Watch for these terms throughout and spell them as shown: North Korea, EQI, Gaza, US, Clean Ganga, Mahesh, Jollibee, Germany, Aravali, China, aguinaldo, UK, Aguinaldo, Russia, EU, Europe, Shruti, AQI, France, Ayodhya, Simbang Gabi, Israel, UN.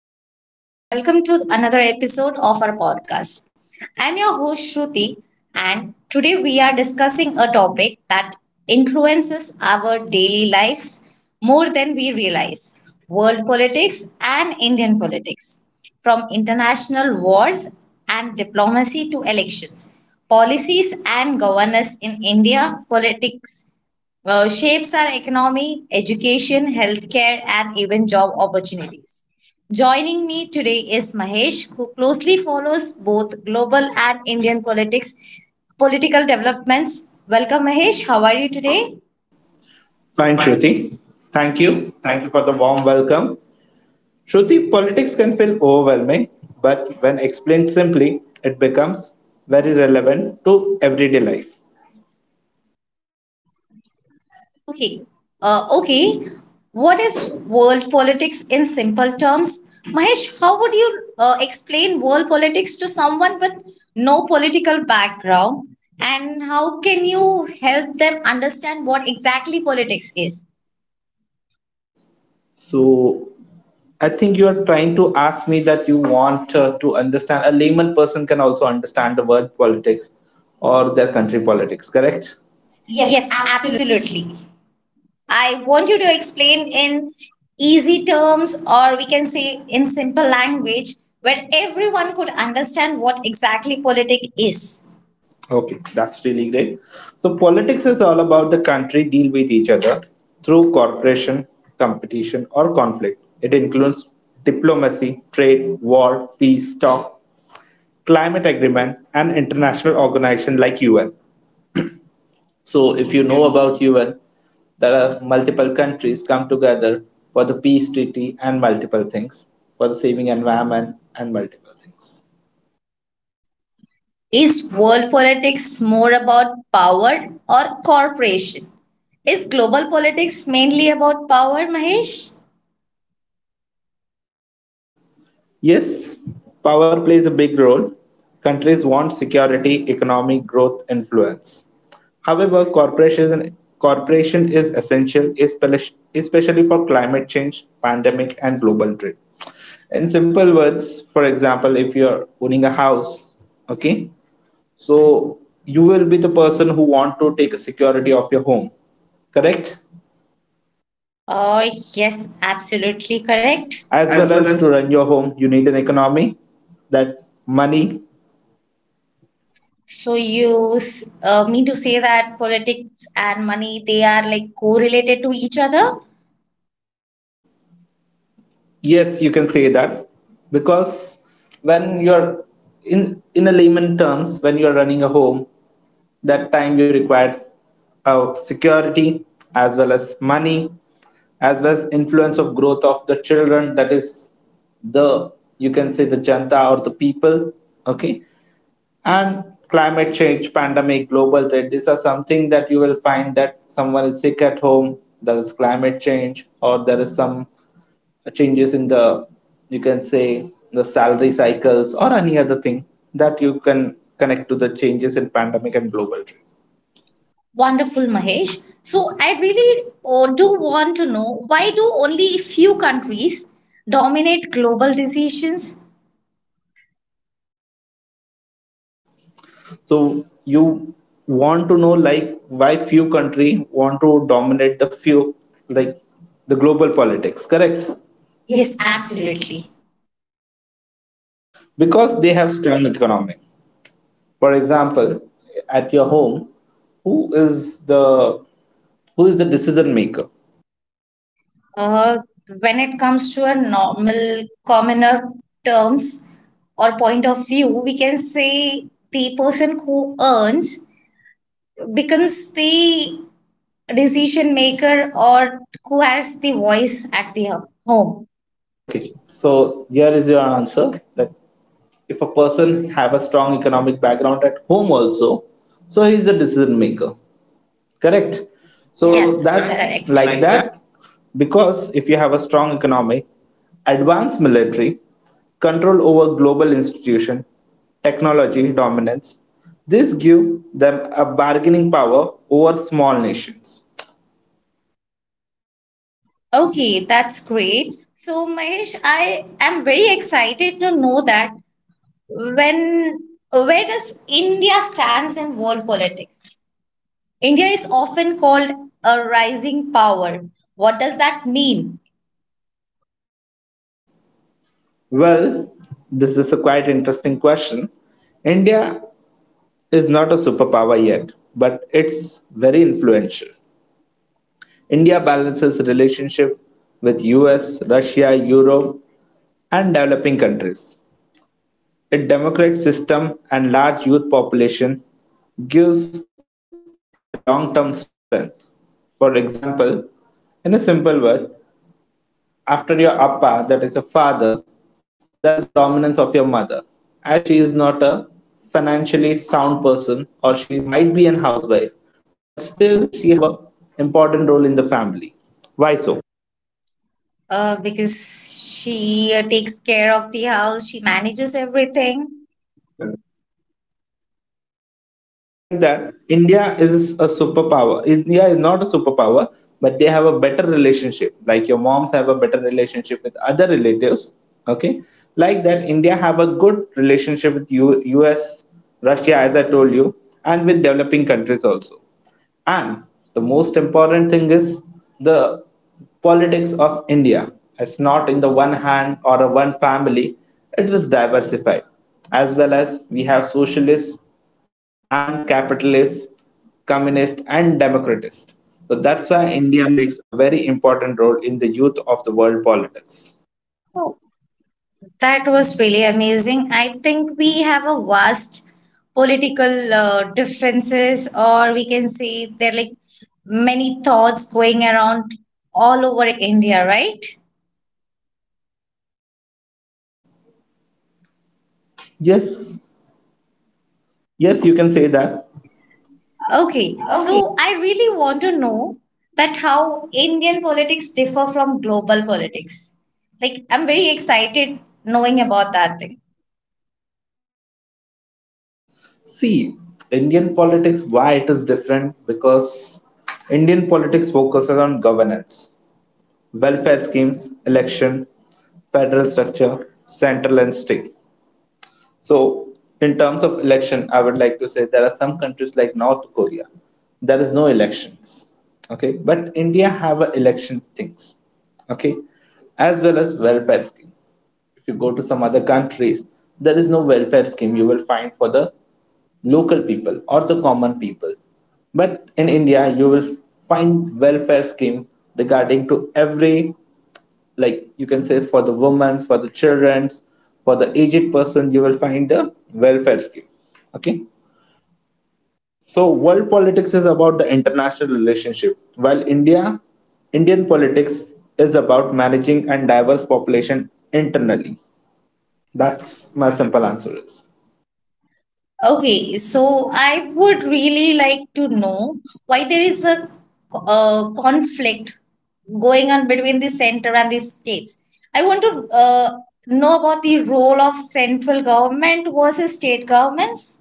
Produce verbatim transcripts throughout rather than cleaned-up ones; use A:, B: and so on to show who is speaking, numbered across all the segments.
A: everyone, and welcome to another episode of our podcast. I'm your host, Shruti, and today we are discussing a topic that influences our daily lives more than we realize, world politics and Indian politics. From international wars and diplomacy to elections, policies and governance in India, politics uh, shapes our economy, education, healthcare, and even job opportunities. Joining me today is Mahesh, who closely follows both global and Indian politics, political developments. Welcome, Mahesh. How are you today?
B: Fine,
A: Fine.
B: Shruti. Thank you. Thank you for the warm welcome. Shruti, politics can feel overwhelming, but when explained simply, it becomes very relevant to everyday life.
A: Okay. Uh, okay. What is world politics in simple terms? Mahesh, how would you uh, explain world politics to someone with no political background? And how can you help them understand what exactly politics is?
B: So, I think you are trying to ask me that you want uh, to understand a layman person can also understand the word politics or their country politics, correct? Yes,
A: Yes,
B: absolutely.
A: absolutely. I want you to explain in easy terms, or we can say in simple language, where everyone could understand what exactly politics is.
B: Okay, that's really great. So politics is all about the country deal with each other through cooperation, competition, or conflict. It includes diplomacy, trade, war, peace talk, climate agreement, and international organization like U N. So if you know about U N, there are multiple countries come together for the peace treaty and multiple things, for the saving environment and multiple things.
A: Is world politics more about power or corporation? Is global politics mainly about power, Mahesh?
B: Yes, power plays a big role. Countries want security, economic growth, influence. However, corporation, corporation is essential, espe- especially for climate change, pandemic, and global trade. In simple words, for example, if you're owning a house, okay, so you will be the person who want to take a security of your home, correct?
A: Oh, yes, absolutely
B: Correct?
A: correct,
B: As
A: as
B: well
A: well
B: as
A: as
B: to run your home, you need an economy, that money.
A: So you s- uh, mean to say that politics and money they are like correlated to each other?
B: Yes, you can say that, because when you're in in a layman terms, when you're running a home, that time you require uh, security, as well as money, as well as influence of growth of the children, that is the, you can say, the janta or the people. Okay. And climate change, pandemic, global trade, these are something that you will find that someone is sick at home, there is climate change, or there is some uh, changes in the, you can say, the salary cycles or any other thing that you can connect to the changes in pandemic and global trade.
A: Wonderful, Mahesh. So I really uh, do want to know why do only few countries dominate global decisions?
B: So you want to know like why few country want to dominate the few, like the global politics, correct? Yes,
A: Yes,
B: absolutely.
A: absolutely.
B: Because they have strong economy. For example, at your home, who is the, who is the decision maker?
A: Uh, when it comes to a normal commoner terms or point of view, we can say the person who earns becomes the decision maker or who has the voice at the ho- home.
B: Okay,
A: Okay. Yeah,
B: so here is your answer, that if a person have a strong economic background at home also, so he is the decision maker, correct? Yeah, so
A: so yeah,
B: yeah, that's
A: that's
B: that's
A: that's
B: correct.
A: correct,
B: Like
A: like that.
B: that, because if you have a strong economy, advanced military, control over global institution, technology dominance, this give them a bargaining power over small nations.
A: Okay, that's great. So Mahesh, I am very excited to know that when where does India stands in world politics? India is often called a rising power. What does that mean?
B: Well, this is a quite interesting question. India is not a superpower yet, but it's very influential. India balances relationship with U S, Russia, Europe, and developing countries. Its democratic system and large youth population gives it a long-term strength. For example, in a simple word, after your appa, that is your father, there is a dominance of your mother. As she is not a financially sound person, or she might be an housewife, but still she have a important role in the family. Why so?
A: Uh, because she uh, takes care of the house, she manages everything.
B: So like that, India is a superpower. India is not a superpower, but they have a better relationship. Like your moms have a better relationship with other relatives. Okay, like that, India have a good relationship with U- U.S., Russia, as I told you, and with developing countries also. And the most important thing is the politics of India. It's not in the one hand or a one family, it is diversified. As well as we have socialists and capitalists, communists and democratists. So that's why India makes a very important role in the youth of the world politics.
A: Oh, that was really amazing. I think we have a vast political uh, differences, or we can say there are like many thoughts going around all over India, right?
B: Yes, yes, you can say that.
A: Okay, so I really want to know that how Indian politics differ from global politics. Like I'm very excited knowing about that thing.
B: See, Indian politics, why it is different? Because Indian politics focuses on governance, welfare schemes, election, federal structure, central and state. So, in terms of election, I would like to say there are some countries like North Korea, there is no elections. Okay, but India have a election things. Okay, as well as welfare scheme. If you go to some other countries, there is no welfare scheme you will find for the local people or the common people. But in India, you will find welfare scheme regarding to every, like you can say for the women's, for the children's, for the aged person, you will find the welfare scheme. Okay. So world politics is about the international relationship, while India, Indian politics is about managing and diverse population internally. That's
A: That's
B: my
A: my sub-
B: simple answer is.
A: Okay, so I would really like to know why there is a, uh conflict going on between the center and the states. I want to uh, know about the role of central government versus state governments.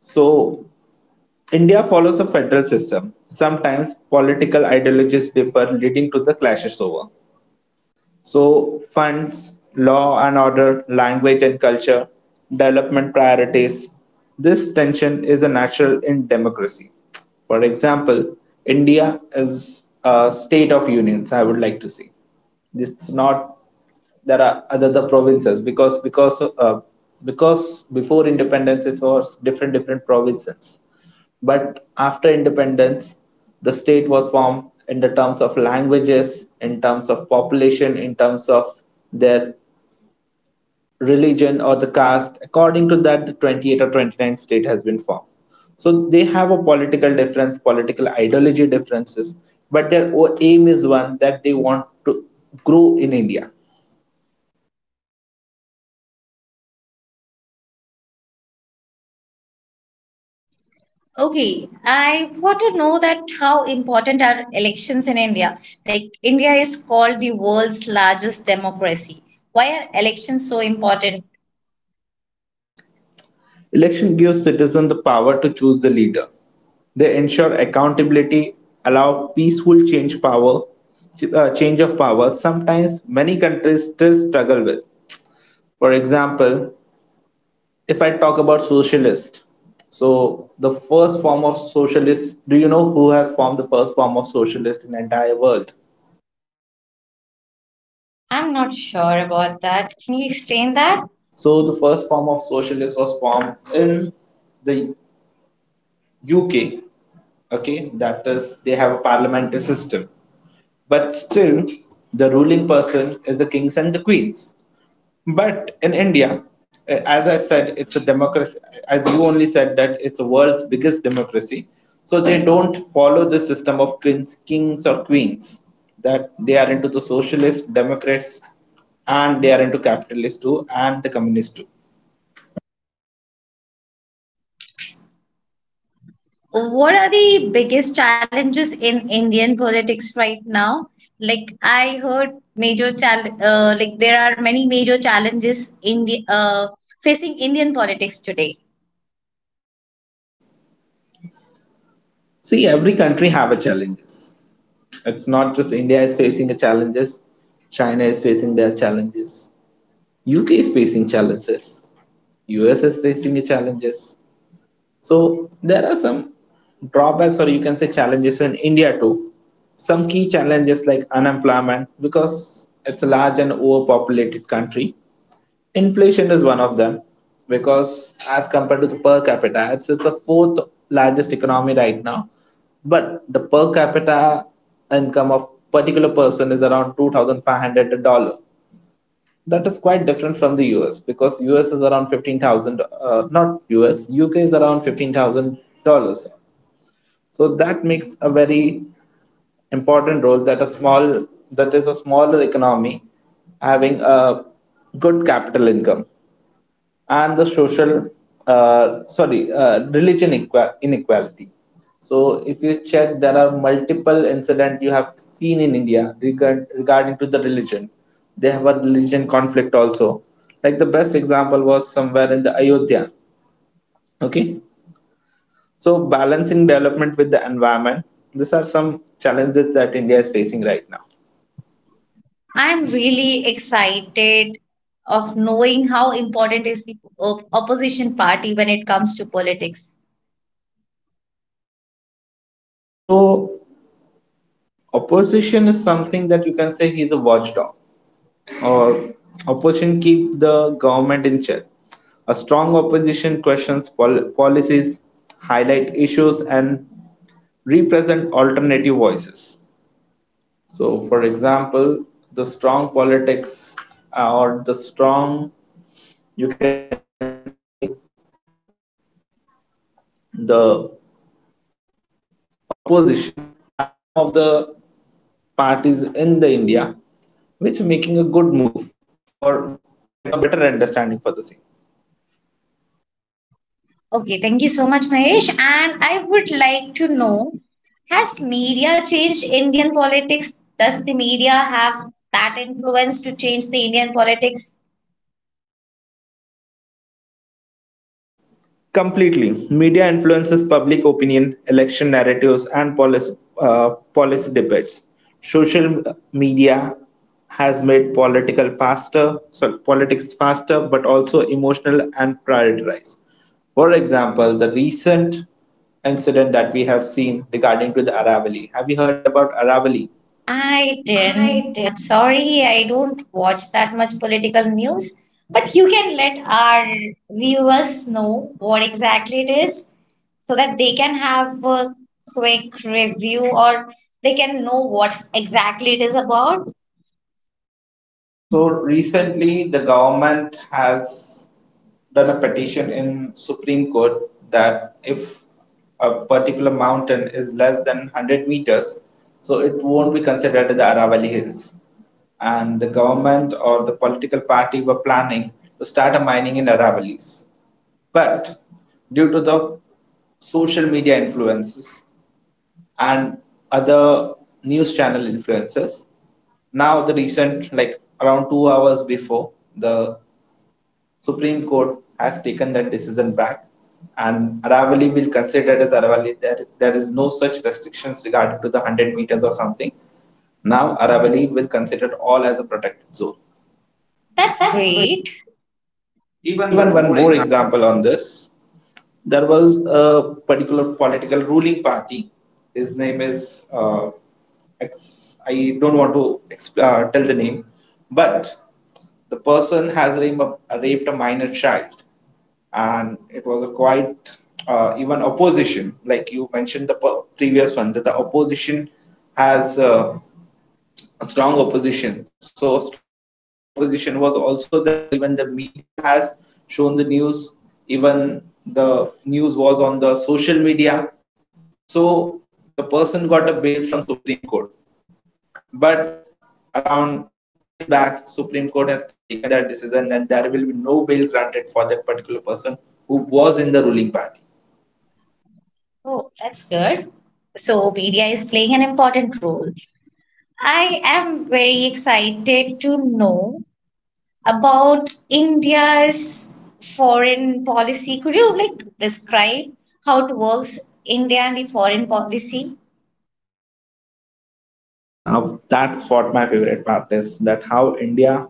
B: So India follows a federal system. Sometimes political ideologies differ, leading to the clashes over. So, funds, law and order, language and culture, development priorities. This tension is a natural in democracy. For example, India is a state of unions, I would like to see. This is not, there are other the provinces, because because uh, because before independence it was different different provinces, but after independence, the state was formed in the terms of languages, in terms of population, in terms of their religion or the caste. According to that, the twenty-eight or twenty-nine state has been formed. So they have a political difference, political ideology differences, but their aim is one, that they want to grow in India.
A: Okay, I want to know that how important are elections in India? Like India is called the world's largest democracy. Why are elections so important?
B: Election gives citizens the power to choose the leader. They ensure accountability, allow peaceful change power, uh, change of power. Sometimes many countries still struggle with. For example, if I talk about socialist, so the first form of socialist, do you know who has formed the first form of socialist in the entire world?
A: I'm not sure about that. Can you explain that?
B: So the first form of socialist was formed in the U K. Okay, that is they have a parliamentary system. But still, the ruling person is the kings and the queens. But in India, eh, as I said, it's a democracy. As you only said that it's the world's biggest democracy, so they don't follow the system of kings, kings or queens. That they are into the socialist democrats, and they are into capitalists too, and the communists too.
A: What are the biggest challenges in Indian politics right now? Like I heard major chal uh, like there are many major challenges India uh, facing Indian politics today.
B: See, every country have a challenges. It's not just India is facing a challenges. China is facing their challenges. U K is facing challenges. U S is facing challenges. So there are some drawbacks, or you can say challenges in India too. Some key challenges like unemployment, because it's a large and overpopulated country. Inflation is one of them, because as compared to the per capita, it's, it's the fourth largest economy right now. But the per capita income of particular person is around two thousand five hundred dollar, that is quite different from the U S, because U S is around fifteen thousand, uh, not U S, U K is around fifteen thousand dollars. So that makes a very important role, that a small, that is a smaller economy having a good capital income, and the social, uh, sorry, uh, religion equa- inequality. So if you check, there are multiple incident you have seen in India regard, regarding to the religion. They have a religion conflict also. Like the best example was somewhere in the Ayodhya. Okay, so balancing development with the environment. These are some challenges that India is facing right now.
A: I'm really excited of knowing how important is the op- opposition party when it comes to politics.
B: So opposition is something that you can say he's a watchdog, or opposition keep the government in check. A strong opposition questions pol- policies, highlight issues, and represent alternative voices. So, for example, the strong politics uh, or the strong, you can say, the opposition, are some of the parties in the India which are making a good move for getting a better understanding for the same.
A: Okay, thank you so much, Mahesh. And I would like to know, has media changed Indian politics? Does the media have that influence to change the Indian politics?
B: Completely. Media influences public opinion, election narratives, and policy, uh, policy debates. Social media has made political faster, sorry, politics faster, but also emotional and prioritized. For example, the recent incident that we have seen regarding to the Aravali. Have you heard about Aravali?
A: I
B: I
A: didn't.
B: did.
A: I'm sorry, I don't watch that much political news. But you can let our viewers know what exactly it is so that they can have a quick review or they can know what exactly it is about.
B: So recently, the government has done a petition in Supreme Court that if a particular mountain is less than one hundred meters, so it won't be considered the Aravalli Hills. And the government or the political party were planning to start a mining in Aravallis. But due to the social media influences and other news channel influences, now the recent, like around two hours before, the Supreme Court has taken that decision back, and Aravali will consider it as Aravali. There, there is no such restrictions regarding to the one hundred meters or something. Now Aravali will consider all as a protected zone.
A: That's
B: That's great.
A: great. Even
B: Even
A: one
B: one
A: more
B: more
A: example.
B: example on this, there was a particular political ruling party. His name is, uh, ex- I don't want to exp- uh, tell the name, but the person has rape- uh, raped a minor child, and it was a quite uh, even opposition, like you mentioned the p- previous one, that the opposition has uh, a strong opposition, so a strong opposition was also there. Even the media has shown the news, even the news was on the social media, so the person got a bail from supreme court, but around two days back supreme court has taken that decision that there will be no bail granted for that particular person who was in the ruling party.
A: Oh, that's good. So media is playing an important role. I am very excited to know about India's foreign policy. Could you like describe how it works, India and the foreign policy?
B: Now that's what my favorite part is, that how India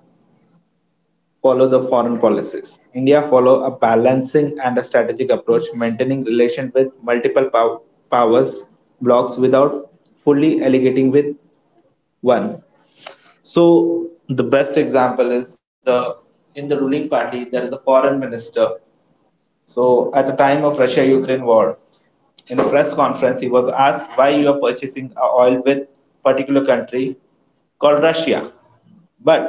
B: follow the foreign policies. India follow a balancing and a strategic approach, maintaining relation with multiple pow- powers blocks without fully allegating with one. So the best example is the, in the ruling party there is a foreign minister. So at the time of Russia-Ukraine war, in a press conference, he was asked why you are purchasing uh, oil with particular country called Russia. But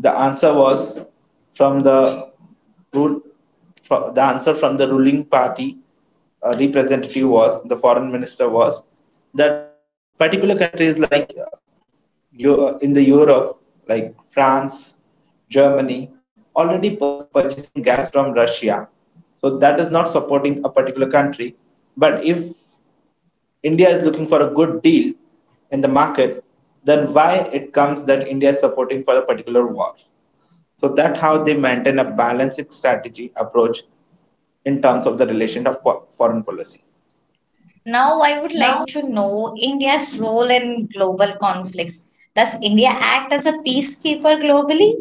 B: the answer was from the rule. fro- The answer from the ruling party uh, representative, was the foreign minister, was that particular countries like uh, Eu- uh, in the Europe, like France, Germany, already pur- purchasing gases from Russia. So that is not supporting a particular country. But if India is looking for a good deal in the market, then why it comes that India is supporting for a particular war? So that's how they maintain a balanced strategy approach in terms of the relation of po- foreign policy.
A: Now, I would
B: Now,
A: like to know India's role in global conflicts. Does India act as a peacekeeper globally?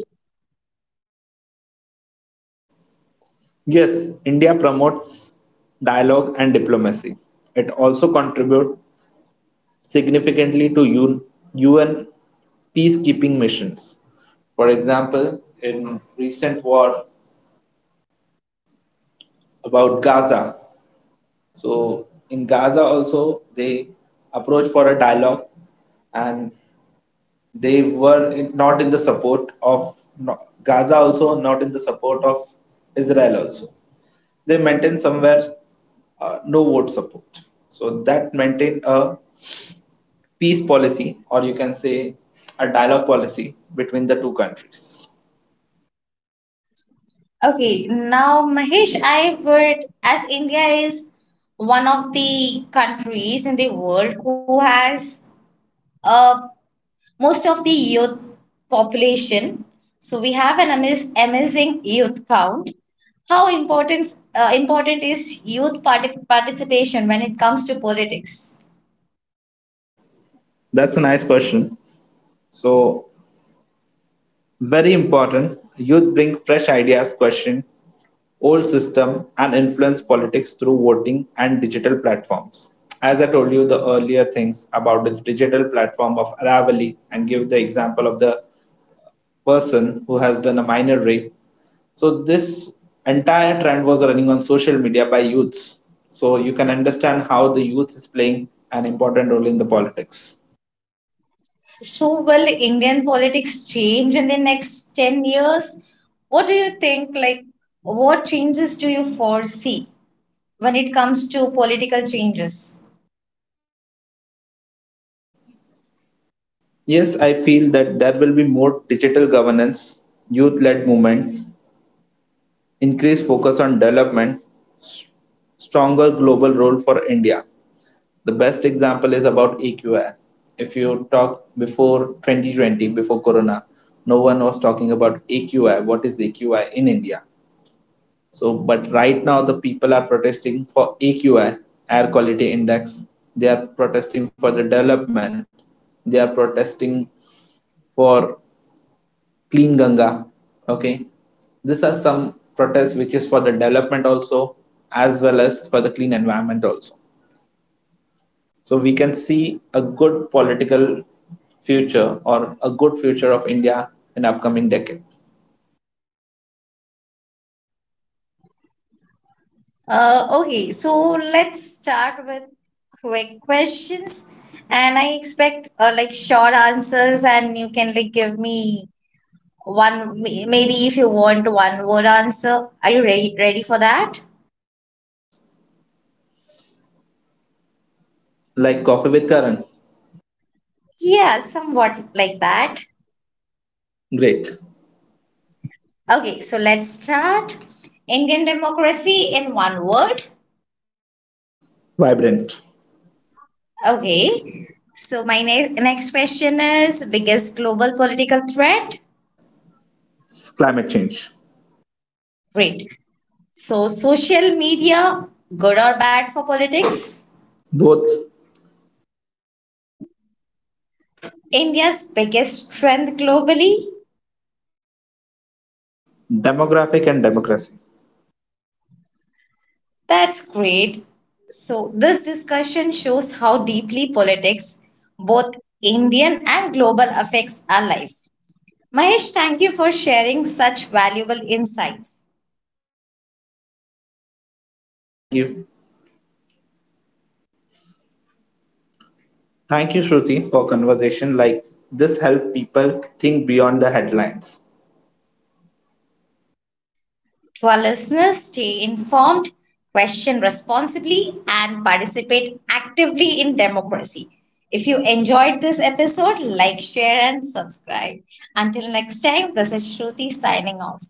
B: yes, India promotes dialogue and diplomacy. It also contributes significantly to U N, U N peacekeeping missions. For example, in recent war about Gaza, so in Gaza also they approach for a dialogue, and they were in, not in the support of no, Gaza also, not in the support of Israel also. They maintained somewhere uh, no vote support. So that maintained a peace policy, or you can say a dialogue policy between the two countries.
A: Okay, now Mahesh, I would, as India is one of the countries in the world who has a most of the youth population. So we have an amaz- amazing youth count. How important uh, important is youth parti- participation when it comes to politics?
B: That's a nice question. So very important. Youth bring fresh ideas, question old system, and influence politics through voting and digital platforms. As I told you the earlier things about the digital platform of Aravali, and give the example of the person who has done a minor rape. So this entire trend was running on social media by youths. So you can understand how the youth is playing an important role in the politics.
A: So will Indian politics change in the next ten years? What do you think? Like, what changes do you foresee when it comes to political changes?
B: Yes, I feel that there will be more digital governance, youth led movements, increased focus on development, stronger global role for India. The best example is about E Q I. If you talk before twenty twenty, before Corona, no one was talking about A Q I. What is A Q I in India? So, but right now the people are protesting for A Q I, Air Quality Index. They are protesting for the development. They are protesting for Clean Ganga. Okay, these are some protests which is for the development also, as well as for the clean environment also. So we can see a good political future, or a good future of India in upcoming decade.
A: Uh, okay, so let's start with quick questions, and I expect uh, like short answers, and you can like give me one may- maybe if you want one word answer. Are you ready ready for that?
B: Like Coffee with Karan,
A: Yeah, somewhat like that.
B: great,
A: Okay, so let's start. Indian democracy in one word.
B: vibrant,
A: Okay, so my ne- next question is biggest global political threat.
B: climate change,
A: Great. So, social media, good or bad for politics?
B: both,
A: India's biggest strength globally?
B: demographic and democracy.
A: That's great. So, this discussion shows how deeply politics, both Indian and global, affects our life. Mahesh, thank you for sharing such valuable insights.
B: Thank you. Thank you, Shruti, for conversation like this help people think beyond the headlines.
A: To our listeners, stay informed, question responsibly, and participate actively in democracy. If you enjoyed this episode, like, share, and subscribe. Until next time, this is Shruti signing off.